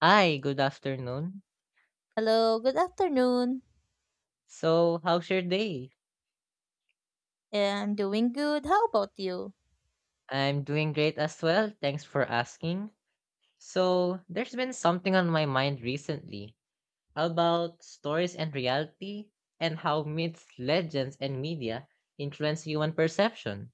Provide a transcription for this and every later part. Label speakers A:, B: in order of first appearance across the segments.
A: Hi, good afternoon.
B: Hello, good afternoon.
A: So, how's your day?
B: I'm doing good. How about you?
A: I'm doing great as well. Thanks for asking. So, there's been something on my mind recently about stories and reality and how myths, legends, and media influence human perception.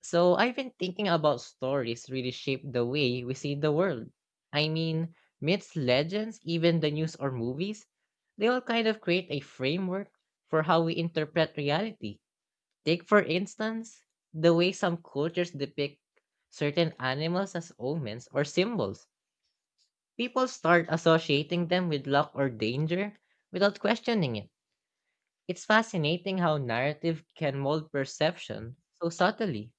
A: So, I've been thinking about stories really shape the way we see the world. I mean, myths, legends, even the news or movies, they all kind of create a framework for how we interpret reality. Take, for instance, the way some cultures depict certain animals as omens or symbols. People start associating them with luck or danger without questioning it. It's fascinating how narrative can mold perception so subtly.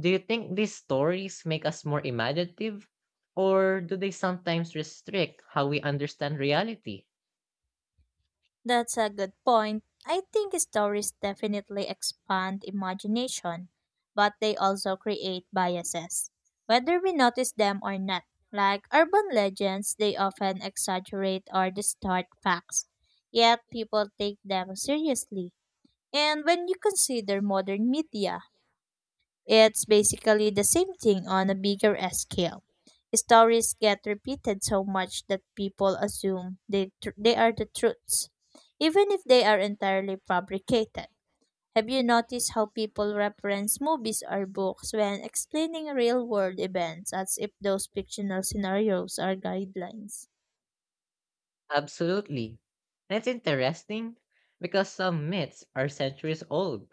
A: Do you think these stories make us more imaginative, or do they sometimes restrict how we understand reality?
B: That's a good point. I think stories definitely expand imagination, but they also create biases, whether we notice them or not. Like urban legends, they often exaggerate or distort facts, yet people take them seriously. And when you consider modern media, it's basically the same thing on a bigger scale. Stories get repeated so much that people assume they are the truths, even if they are entirely fabricated. Have you noticed how people reference movies or books when explaining real world events as if those fictional scenarios are guidelines?
A: Absolutely. That's interesting because some myths are centuries old.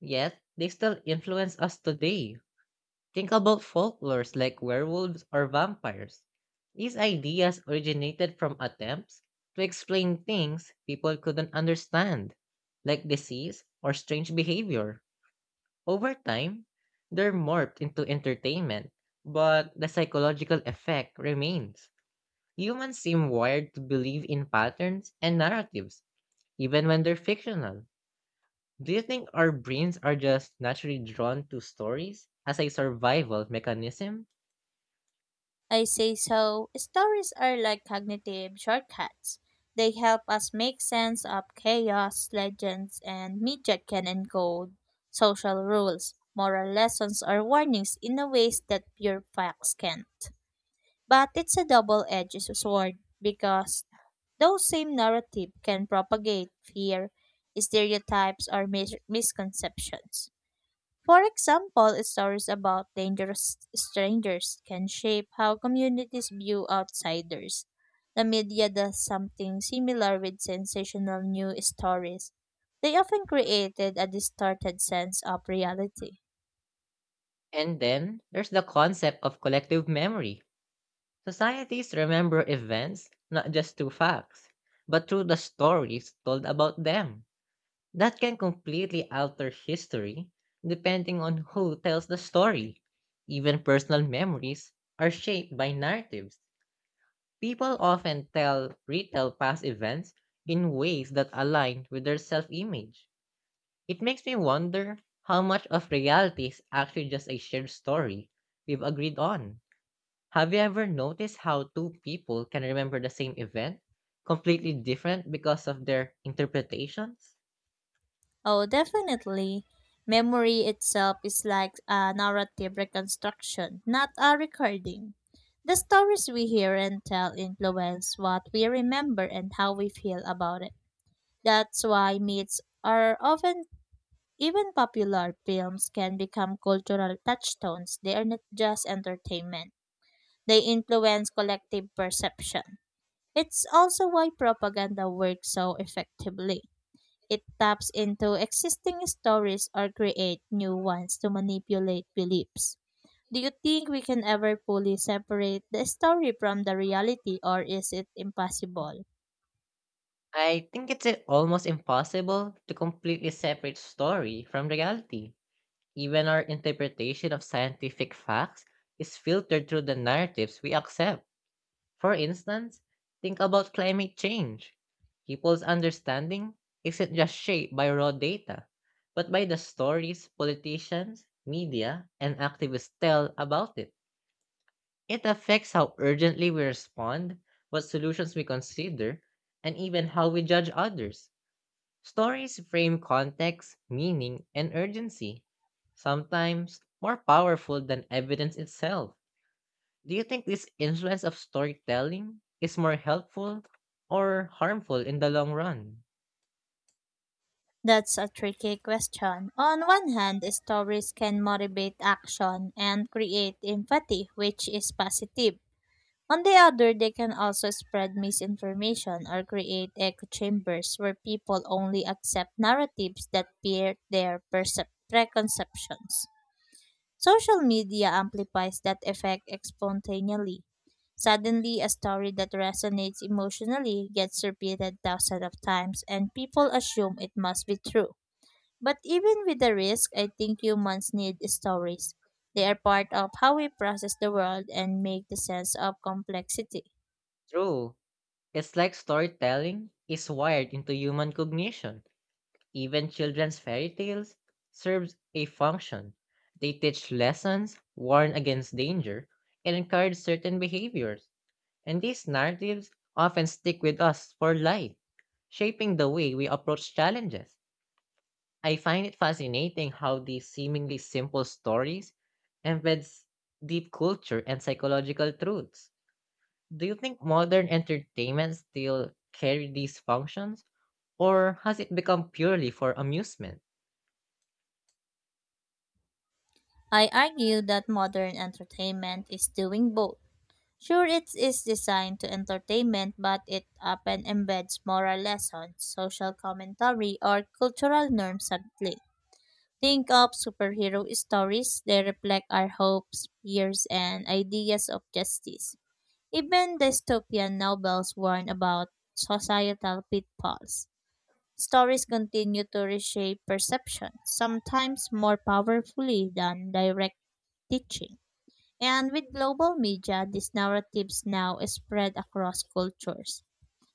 A: Yet, they still influence us today. Think about folklores like werewolves or vampires. These ideas originated from attempts to explain things people couldn't understand, like disease or strange behavior. Over time, they're morphed into entertainment, but the psychological effect remains. Humans seem wired to believe in patterns and narratives, even when they're fictional. Do you think our brains are just naturally drawn to stories as a survival mechanism?
B: I say so. Stories are like cognitive shortcuts. They help us make sense of chaos, legends, and media can encode social rules, moral lessons, or warnings in a ways that pure facts can't. But it's a double-edged sword because those same narrative can propagate fear, stereotypes, or misconceptions. For example, stories about dangerous strangers can shape how communities view outsiders. The media does something similar with sensational news stories. They often created a distorted sense of reality.
A: And then there's the concept of collective memory. Societies remember events not just through facts, but through the stories told about them. That can completely alter history depending on who tells the story. Even personal memories are shaped by narratives. People often tell retell past events in ways that align with their self-image. It makes me wonder how much of reality is actually just a shared story we've agreed on. Have you ever noticed how two people can remember the same event completely different because of their interpretations?
B: Oh, definitely. Memory itself is like a narrative reconstruction, not a recording. The stories we hear and tell influence what we remember and how we feel about it. That's why myths are often even popular films can become cultural touchstones. They are not just entertainment. They influence collective perception. It's also why propaganda works so effectively. It taps into existing stories or create new ones to manipulate beliefs. Do you think we can ever fully separate the story from the reality, or is it impossible?
A: I think it's almost impossible to completely separate story from reality. Even our interpretation of scientific facts is filtered through the narratives we accept. For instance, think about climate change. People's understanding isn't just shaped by raw data, but by the stories politicians, media, and activists tell about it. It affects how urgently we respond, what solutions we consider, and even how we judge others. Stories frame context, meaning, and urgency, sometimes more powerful than evidence itself. Do you think this influence of storytelling is more helpful or harmful in the long run?
B: That's a tricky question. On one hand, stories can motivate action and create empathy, which is positive. On the other, they can also spread misinformation or create echo chambers where people only accept narratives that bear their preconceptions. Social media amplifies that effect spontaneously. Suddenly, a story that resonates emotionally gets repeated thousands of times, and people assume it must be true. But even with the risk, I think humans need stories. They are part of how we process the world and make the sense of complexity.
A: True. It's like storytelling is wired into human cognition. Even children's fairy tales serves a function. They teach lessons, warn against danger, and encourage certain behaviors. And these narratives often stick with us for life, shaping the way we approach challenges. I find it fascinating how these seemingly simple stories embeds deep culture and psychological truths. Do you think modern entertainment still carry these functions or has it become purely for amusement?
B: I argue that modern entertainment is doing both. Sure, it is designed to entertainment, but it often embeds moral lessons, social commentary, or cultural norms subtly. Think of superhero stories, they reflect our hopes, fears, and ideas of justice. Even dystopian novels warn about societal pitfalls. Stories continue to reshape perception, sometimes more powerfully than direct teaching. And with global media, these narratives now spread across cultures,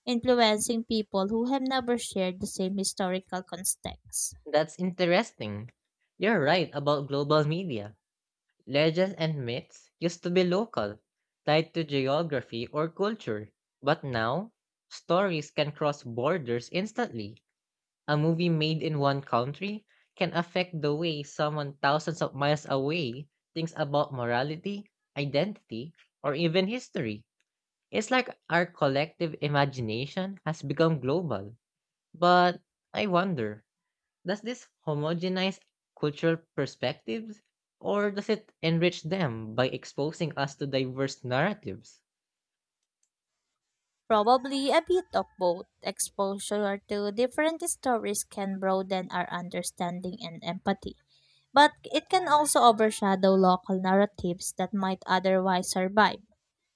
B: influencing people who have never shared the same historical context.
A: That's interesting. You're right about global media. Legends and myths used to be local, tied to geography or culture, but now stories can cross borders instantly. A movie made in one country can affect the way someone thousands of miles away thinks about morality, identity, or even history. It's like our collective imagination has become global. But I wonder, does this homogenize cultural perspectives or does it enrich them by exposing us to diverse narratives?
B: Probably a bit of both. Exposure to different stories can broaden our understanding and empathy, but it can also overshadow local narratives that might otherwise survive.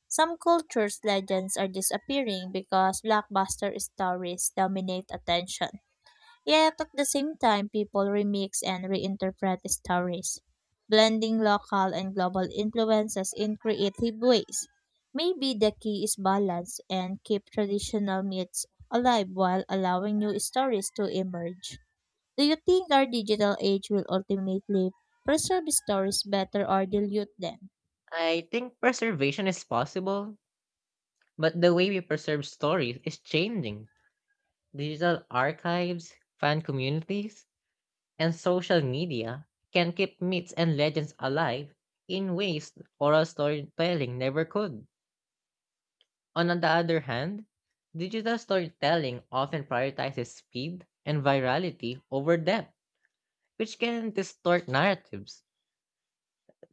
B: Some cultures' legends are disappearing because blockbuster stories dominate attention. Yet at the same time, people remix and reinterpret stories, blending local and global influences in creative ways. Maybe the key is balance and keep traditional myths alive while allowing new stories to emerge. Do you think our digital age will ultimately preserve stories better or dilute them?
A: I think preservation is possible, but the way we preserve stories is changing. Digital archives, fan communities, and social media can keep myths and legends alive in ways oral storytelling never could. On the other hand, digital storytelling often prioritizes speed and virality over depth, which can distort narratives.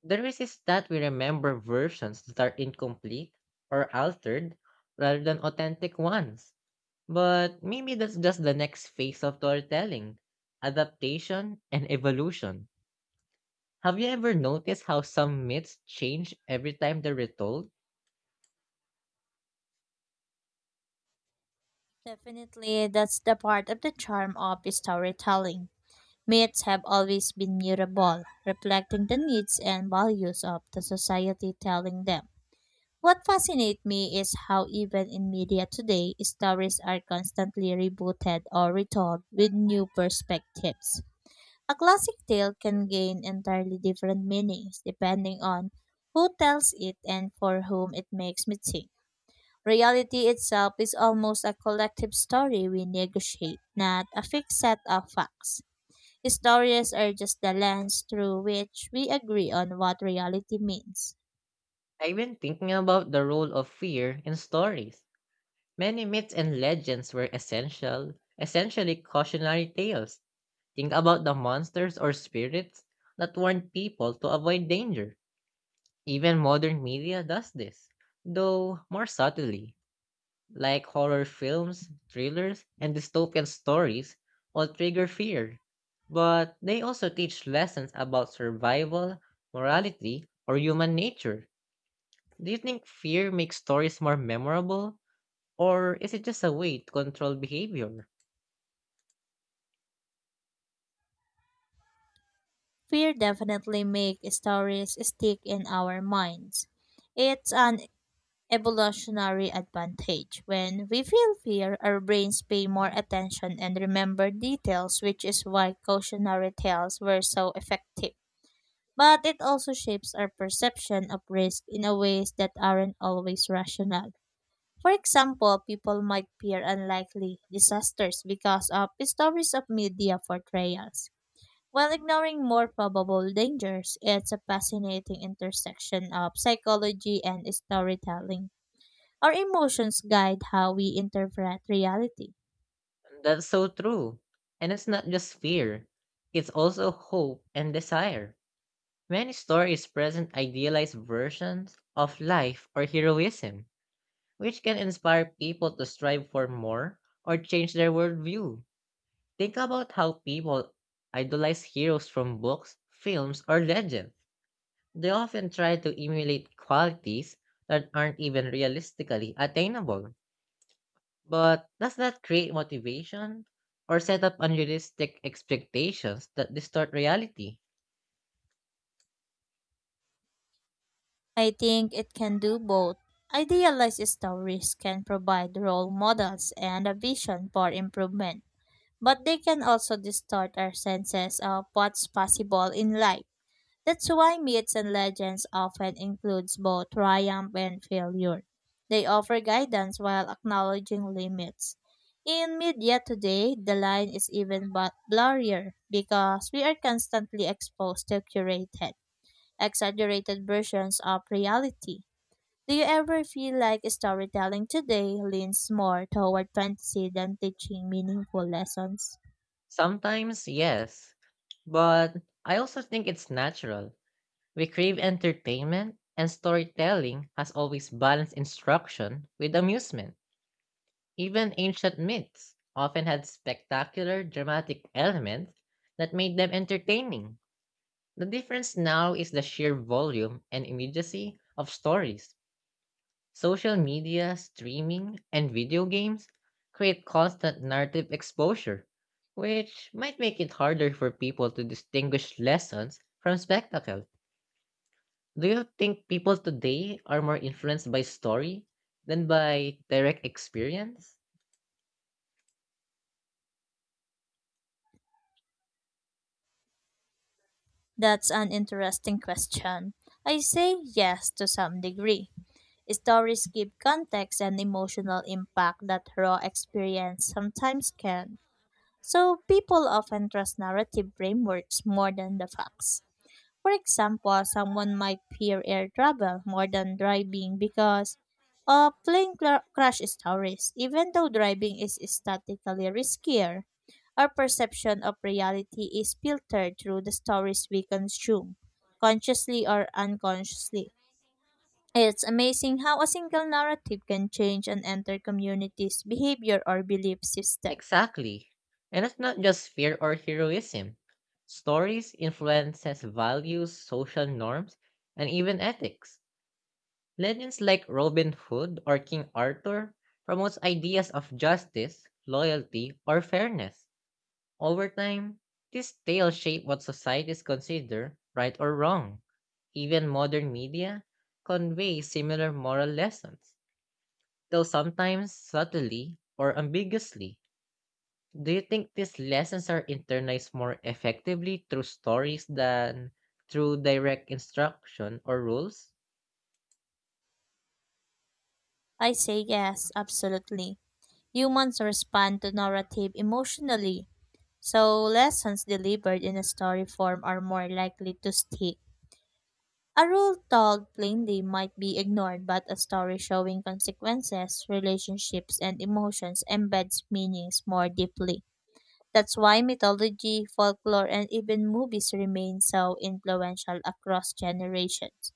A: The risk is that we remember versions that are incomplete or altered rather than authentic ones. But maybe that's just the next phase of storytelling adaptation and evolution. Have you ever noticed how some myths change every time they're retold?
B: Definitely, that's the part of the charm of storytelling. Myths have always been mutable, reflecting the needs and values of the society telling them. What fascinates me is how, even in media today, stories are constantly rebooted or retold with new perspectives. A classic tale can gain entirely different meanings depending on who tells it and for whom it makes me think. Reality itself is almost a collective story we negotiate, not a fixed set of facts. Stories are just the lens through which we agree on what reality means.
A: I've been thinking about the role of fear in stories. Many myths and legends were essential, essentially cautionary tales. Think about the monsters or spirits that warned people to avoid danger. Even modern media does this, though more subtly. Like horror films, thrillers, and dystopian stories, all trigger fear. But they also teach lessons about survival, morality, or human nature. Do you think fear makes stories more memorable? Or is it just a way to control behavior?
B: Fear definitely makes stories stick in our minds. It's an evolutionary advantage. When we feel fear, our brains pay more attention and remember details, which is why cautionary tales were so effective. But it also shapes our perception of risk in a ways that aren't always rational. For example, people might fear unlikely disasters because of stories of media portrayals, while ignoring more probable dangers. It's a fascinating intersection of psychology and storytelling. Our emotions guide how we interpret reality.
A: That's so true. And it's not just fear, it's also hope and desire. Many stories present idealized versions of life or heroism which can inspire people to strive for more or change their worldview. Think about how people idolize heroes from books, films, or legends. They often try to emulate qualities that aren't even realistically attainable. But does that create motivation or set up unrealistic expectations that distort reality?
B: I think it can do both. Idealized stories can provide role models and a vision for improvement, but they can also distort our senses of what's possible in life. That's why myths and legends often includes both triumph and failure. They offer guidance while acknowledging limits. In media today, the line is even but blurrier because we are constantly exposed to curated, exaggerated versions of reality. Do you ever feel like storytelling today leans more toward fantasy than teaching meaningful lessons?
A: Sometimes, yes. But I also think it's natural. We crave entertainment, and storytelling has always balanced instruction with amusement. Even ancient myths often had spectacular, dramatic elements that made them entertaining. The difference now is the sheer volume and immediacy of stories. Social media, streaming, and video games create constant narrative exposure, which might make it harder for people to distinguish lessons from spectacle. Do you think people today are more influenced by story than by direct experience?
B: That's an interesting question. I say yes to some degree. Stories give context and emotional impact that raw experience sometimes can. So people often trust narrative frameworks more than the facts. For example, someone might fear air travel more than driving because of plane crash stories, even though driving is statistically riskier. Our perception of reality is filtered through the stories we consume, consciously or unconsciously. It's amazing how a single narrative can change an entire community's behavior or belief system.
A: Exactly. And that's not just fear or heroism. Stories influences values, social norms, and even ethics. Legends like Robin Hood or King Arthur promotes ideas of justice, loyalty, or fairness. Over time, this tale shaped what societies consider right or wrong. Even modern media convey similar moral lessons, though sometimes subtly or ambiguously. Do you think these lessons are internalized more effectively through stories than through direct instruction or rules?
B: I say yes, absolutely. Humans respond to narrative emotionally. So, lessons delivered in a story form are more likely to stick. A rule told plainly might be ignored, but a story showing consequences, relationships, and emotions embeds meanings more deeply. That's why mythology, folklore, and even movies remain so influential across generations.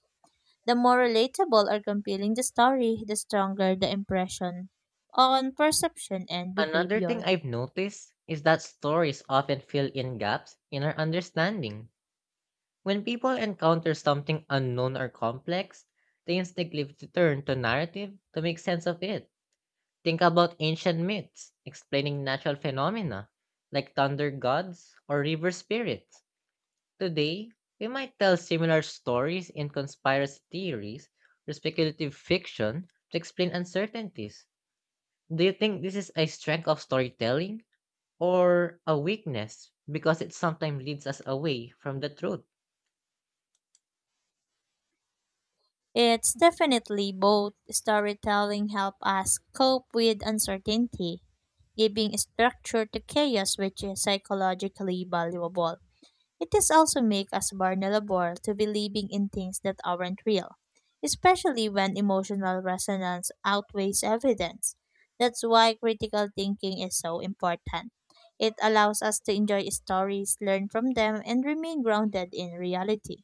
B: The more relatable or compelling the story, the stronger the impression on perception and
A: Another thing
B: behavior.
A: I've noticed is that stories often fill in gaps in our understanding. When people encounter something unknown or complex, they instinctively turn to narrative to make sense of it. Think about ancient myths explaining natural phenomena like thunder gods or river spirits. Today, we might tell similar stories in conspiracy theories or speculative fiction to explain uncertainties. Do you think this is a strength of storytelling or a weakness because it sometimes leads us away from the truth?
B: It's definitely both. Storytelling help us cope with uncertainty, giving structure to chaos which is psychologically valuable. It is also make us vulnerable to believing in things that aren't real, especially when emotional resonance outweighs evidence. That's why critical thinking is so important. It allows us to enjoy stories, learn from them, and remain grounded in reality.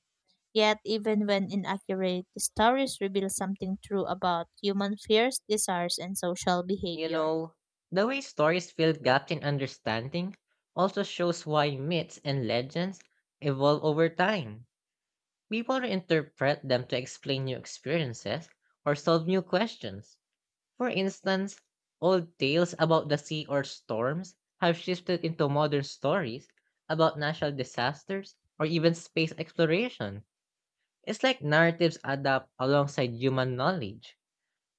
B: Yet, even when inaccurate, the stories reveal something true about human fears, desires, and social
A: You
B: behavior.
A: know, the way stories fill gaps in understanding also shows why myths and legends evolve over time. People interpret them to explain new experiences or solve new questions. For instance, old tales about the sea or storms have shifted into modern stories about natural disasters or even space exploration. It's like narratives adapt alongside human knowledge.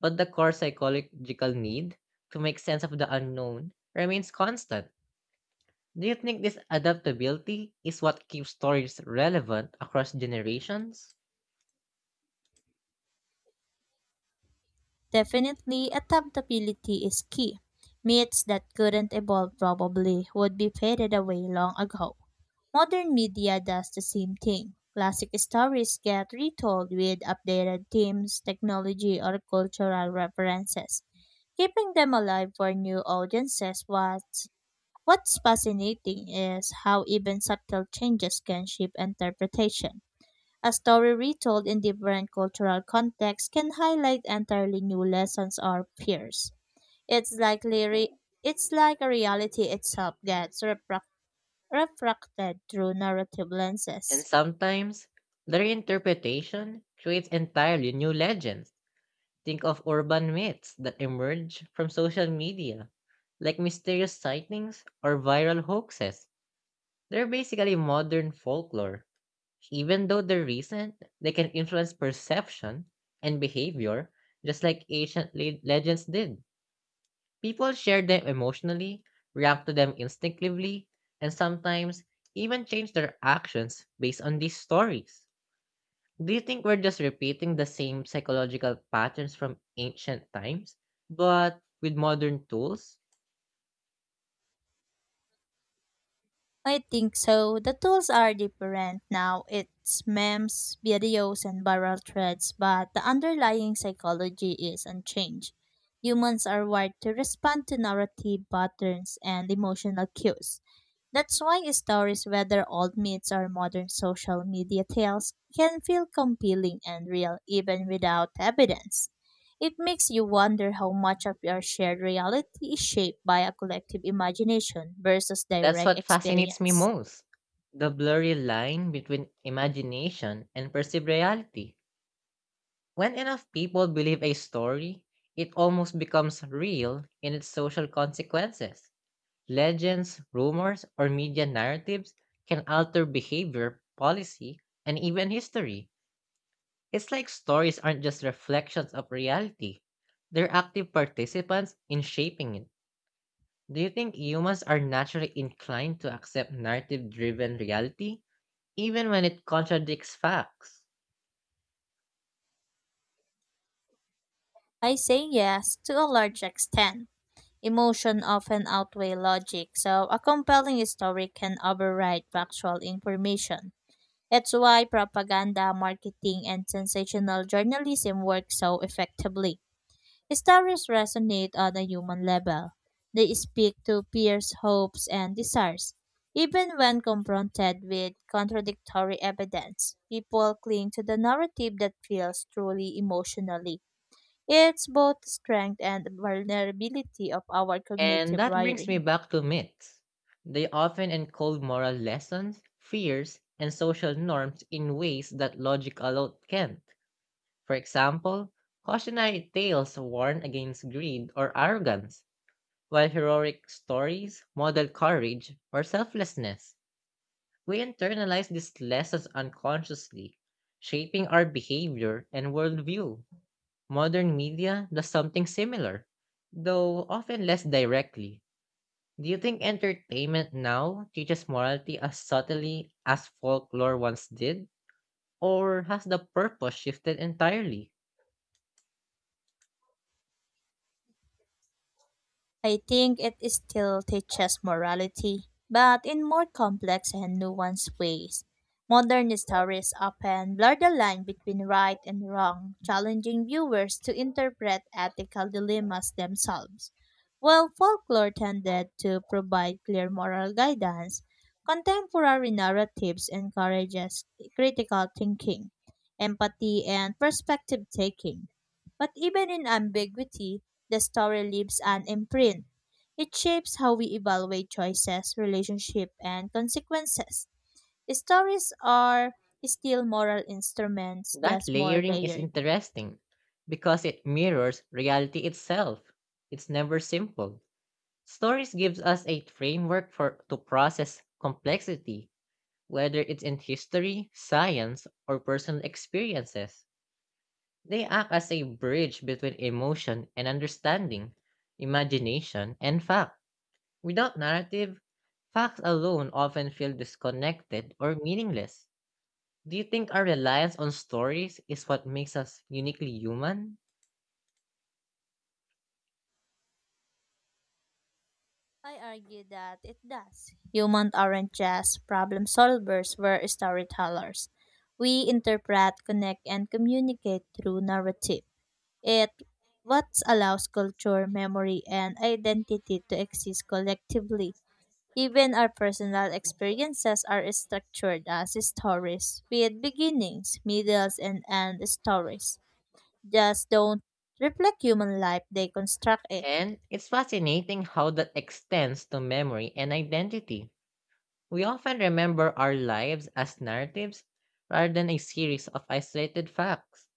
A: But the core psychological need to make sense of the unknown remains constant. Do you think this adaptability is what keeps stories relevant across generations?
B: Definitely, adaptability is key. Myths that couldn't evolve probably would be faded away long ago. Modern media does the same thing. Classic stories get retold with updated themes, technology, or cultural references, keeping them alive for new audiences. What's fascinating is how even subtle changes can shape interpretation. A story retold in different cultural contexts can highlight entirely new lessons or fears. It's like re- it's like a reality itself gets refracted through narrative
A: And
B: lenses.
A: sometimes, the reinterpretation creates entirely new legends. Think of urban myths that emerge from social media, like mysterious sightings or viral hoaxes. They're basically modern folklore. Even though they're recent, they can influence perception and behavior just like ancient legends did. People share them emotionally, react to them instinctively, and sometimes even change their actions based on these stories. Do you think we're just repeating the same psychological patterns from ancient times, but with modern tools?
B: I think so. The tools are different now. It's memes, videos, and viral threads, but the underlying psychology is unchanged. Humans are wired to respond to narrative patterns and emotional cues. That's why stories, whether old myths or modern social media tales, can feel compelling and real even without evidence. It makes you wonder how much of your shared reality is shaped by a collective imagination versus
A: That's
B: direct
A: what fascinates me
B: experience.
A: most, the blurry line between imagination and perceived reality. When enough people believe a story, it almost becomes real in its social consequences. Legends, rumors, or media narratives can alter behavior, policy, and even history. It's like stories aren't just reflections of reality, they're active participants in shaping it. Do you think humans are naturally inclined to accept narrative driven reality, even when it contradicts facts?
B: I say yes to a large extent. Emotion often outweigh logic, so a compelling story can override factual information. It's why propaganda, marketing, and sensational journalism work so effectively. Stories resonate on a human level. They speak to peers' hopes and desires. Even when confronted with contradictory evidence, people cling to the narrative that feels truly emotionally. It's both strength and vulnerability of our
A: And
B: cognitive
A: that brings me
B: wiring.
A: back to myths. They often encode moral lessons, fears, and social norms in ways that logic alone can't. For example, cautionary tales warn against greed or arrogance, while heroic stories model courage or selflessness. We internalize these lessons unconsciously, shaping our behavior and worldview. Modern media does something similar, though often less directly. Do you think entertainment now teaches morality as subtly as folklore once did? Or has the purpose shifted entirely?
B: I think it still teaches morality, but in more complex and nuanced ways. Modern stories often blur the line between right and wrong, challenging viewers to interpret ethical dilemmas themselves. While folklore tended to provide clear moral guidance, contemporary narratives encourages critical thinking, empathy, and perspective taking. But even in ambiguity, the story leaves an imprint. It shapes how we evaluate choices, relationship, and consequences. Stories are still moral instruments,
A: That
B: just more
A: layering is
B: layered.
A: interesting because it mirrors reality itself. It's never simple. Stories gives us a framework for to process complexity, whether it's in history, science, or personal experiences. They act as a bridge between emotion and understanding, imagination and fact. Without narrative, facts alone often feel disconnected or meaningless. Do you think our reliance on stories is what makes us uniquely human?
B: I argue that it does. Humans aren't just problem solvers, we're storytellers. We interpret, connect, and communicate through narrative. It what allows culture, memory, and identity to exist collectively. Even our personal experiences are structured as stories with beginnings, middles, and end stories. Just don't reflect human life, they construct it.
A: And it's fascinating how that extends to memory and identity. We often remember our lives as narratives rather than a series of isolated facts.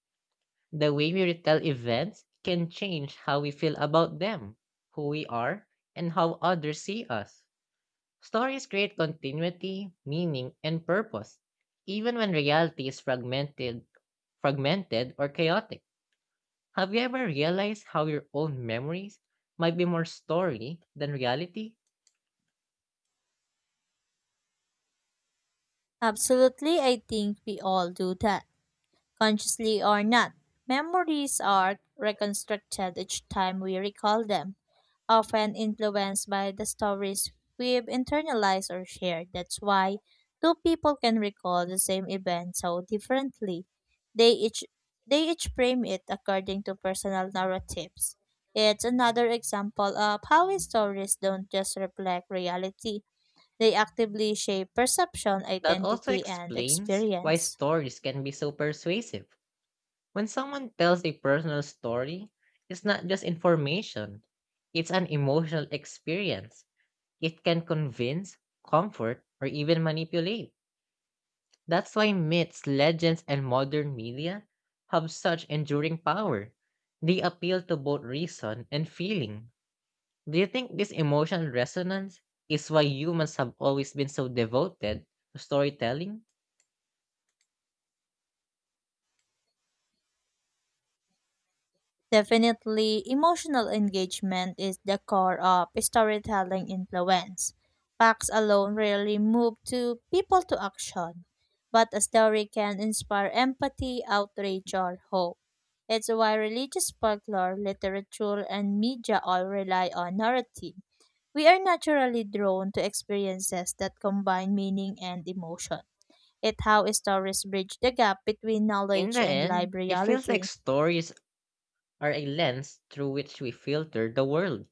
A: The way we retell events can change how we feel about them, who we are, and how others see us. Stories create continuity, meaning, and purpose, even when reality is fragmented or chaotic. Have you ever realized how your own memories might be more story than reality?
B: Absolutely, I think we all do that, consciously or not. Memories are reconstructed each time we recall them, often influenced by the stories we've internalized or shared. That's why two people can recall the same event so differently. They each they each frame it according to personal narratives. It's another example of how stories don't just reflect reality. They actively shape perception,
A: That also
B: identity, and
A: explains why
B: experience.
A: stories can be so persuasive. When someone tells a personal story, it's not just information, it's an emotional experience. It can convince, comfort, or even manipulate. That's why myths, legends, and modern media have such enduring power. They appeal to both reason and feeling. Do you think this emotional resonance is why humans have always been so devoted to storytelling?
B: Definitely, emotional engagement is the core of storytelling influence. Facts alone rarely move to people to action, but a story can inspire empathy, outrage, or hope. It's why religious folklore, literature, and media all rely on narrative. We are naturally drawn to experiences that combine meaning and emotion. It's how stories bridge the gap between
A: In the
B: knowledge and
A: end,
B: live
A: it feels like
B: reality.
A: stories are a lens through which we filter the world.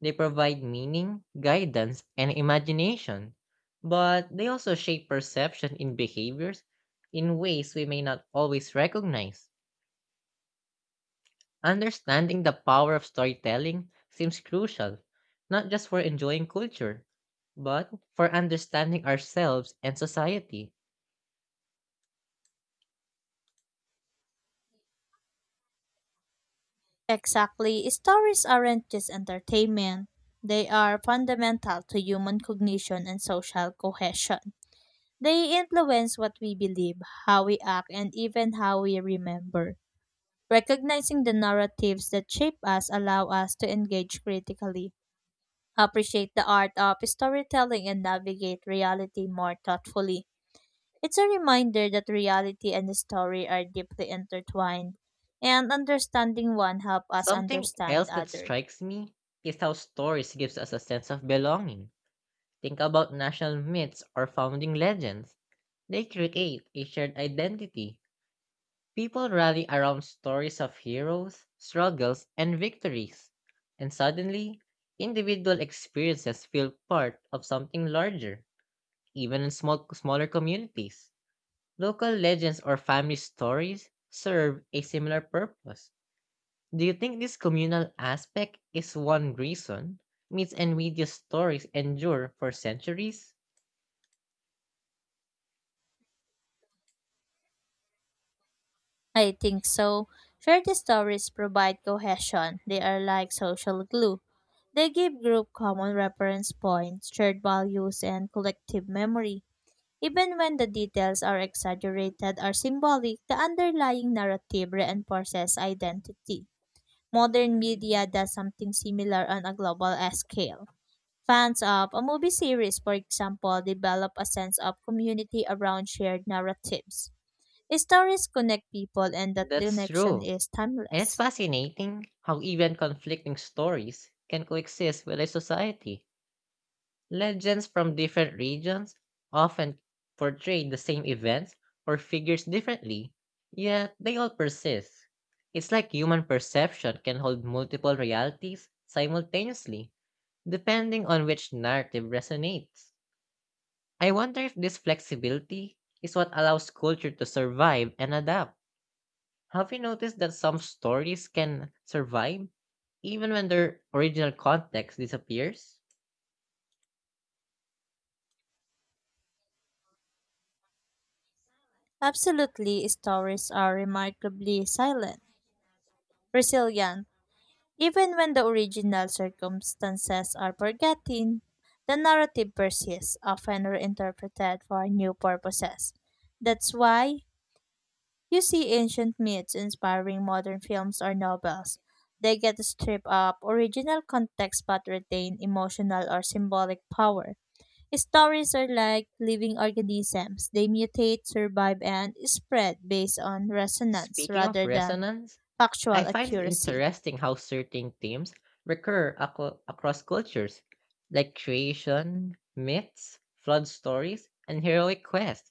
A: They provide meaning, guidance, and imagination, but they also shape perception in behaviors in ways we may not always recognize. Understanding the power of storytelling seems crucial, not just for enjoying culture, but for understanding ourselves and society.
B: Exactly. Stories aren't just entertainment, they are fundamental to human cognition and social cohesion. They influence what we believe, how we act, and even how we remember. Recognizing the narratives that shape us allow us to engage critically, appreciate the art of storytelling, and navigate reality more thoughtfully. It's a reminder that reality and story are deeply intertwined, and understanding one helps us
A: Something
B: understand
A: else that
B: other.
A: strikes me is how stories gives us a sense of belonging. Think about national myths or founding legends. They create a shared identity. People rally around stories of heroes, struggles, and victories. And suddenly, individual experiences feel part of something larger. Even in smaller communities. Local legends or family stories serve a similar purpose. Do you think this communal aspect is one reason myths and video stories endure for centuries?
B: I think so. Shared stories provide cohesion. They are like social glue. They give group common reference points, shared values, and collective memory. Even when the details are exaggerated or symbolic, the underlying narrative reinforces identity. Modern media does something similar on a global scale. Fans of a movie series, for example, develop a sense of community around shared narratives. Stories connect people and that
A: That's
B: connection
A: true.
B: is
A: And it's
B: timeless.
A: fascinating how even conflicting stories can coexist with a society. Legends from different regions often portray the same events or figures differently, yet they all persist. It's like human perception can hold multiple realities simultaneously, depending on which narrative resonates. I wonder if this flexibility is what allows culture to survive and adapt. Have you noticed that some stories can survive even when their original context disappears?
B: Absolutely, stories are remarkably silent, resilient. Even when the original circumstances are forgotten, the narrative persists, often reinterpreted for new purposes. That's why you see ancient myths inspiring modern films or novels. They get stripped of original context but retain emotional or symbolic power. Stories are like living organisms. They mutate, survive, and spread based on resonance
A: Speaking of
B: rather than
A: resonance, I
B: factual
A: find it
B: accuracy.
A: interesting how certain themes recur across cultures, like creation, myths, flood stories, and heroic quests.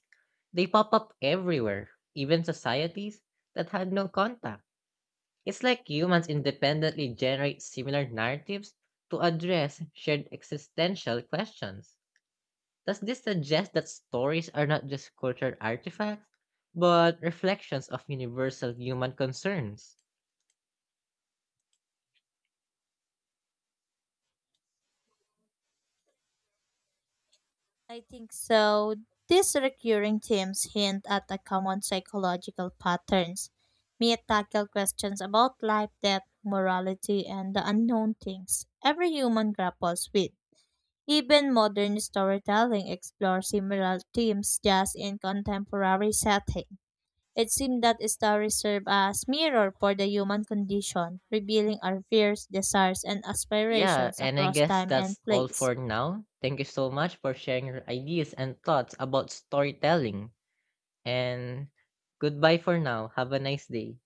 A: They pop up everywhere, even societies that had no contact. It's like humans independently generate similar narratives to address shared existential questions. Does this suggest that stories are not just cultural artifacts, but reflections of universal human concerns?
B: I think so. These recurring themes hint at a common psychological patterns. May tackle questions about life, death, morality, and the unknown things every human grapples with. Even modern storytelling explores similar themes just in contemporary setting. It seemed that stories serve as mirror for the human condition, revealing our fears, desires, and
A: Yeah,
B: aspirations
A: and I
B: across
A: guess
B: time and
A: that's all
B: place.
A: for now. Thank you so much for sharing your ideas and thoughts about storytelling. And goodbye for now. Have a nice day.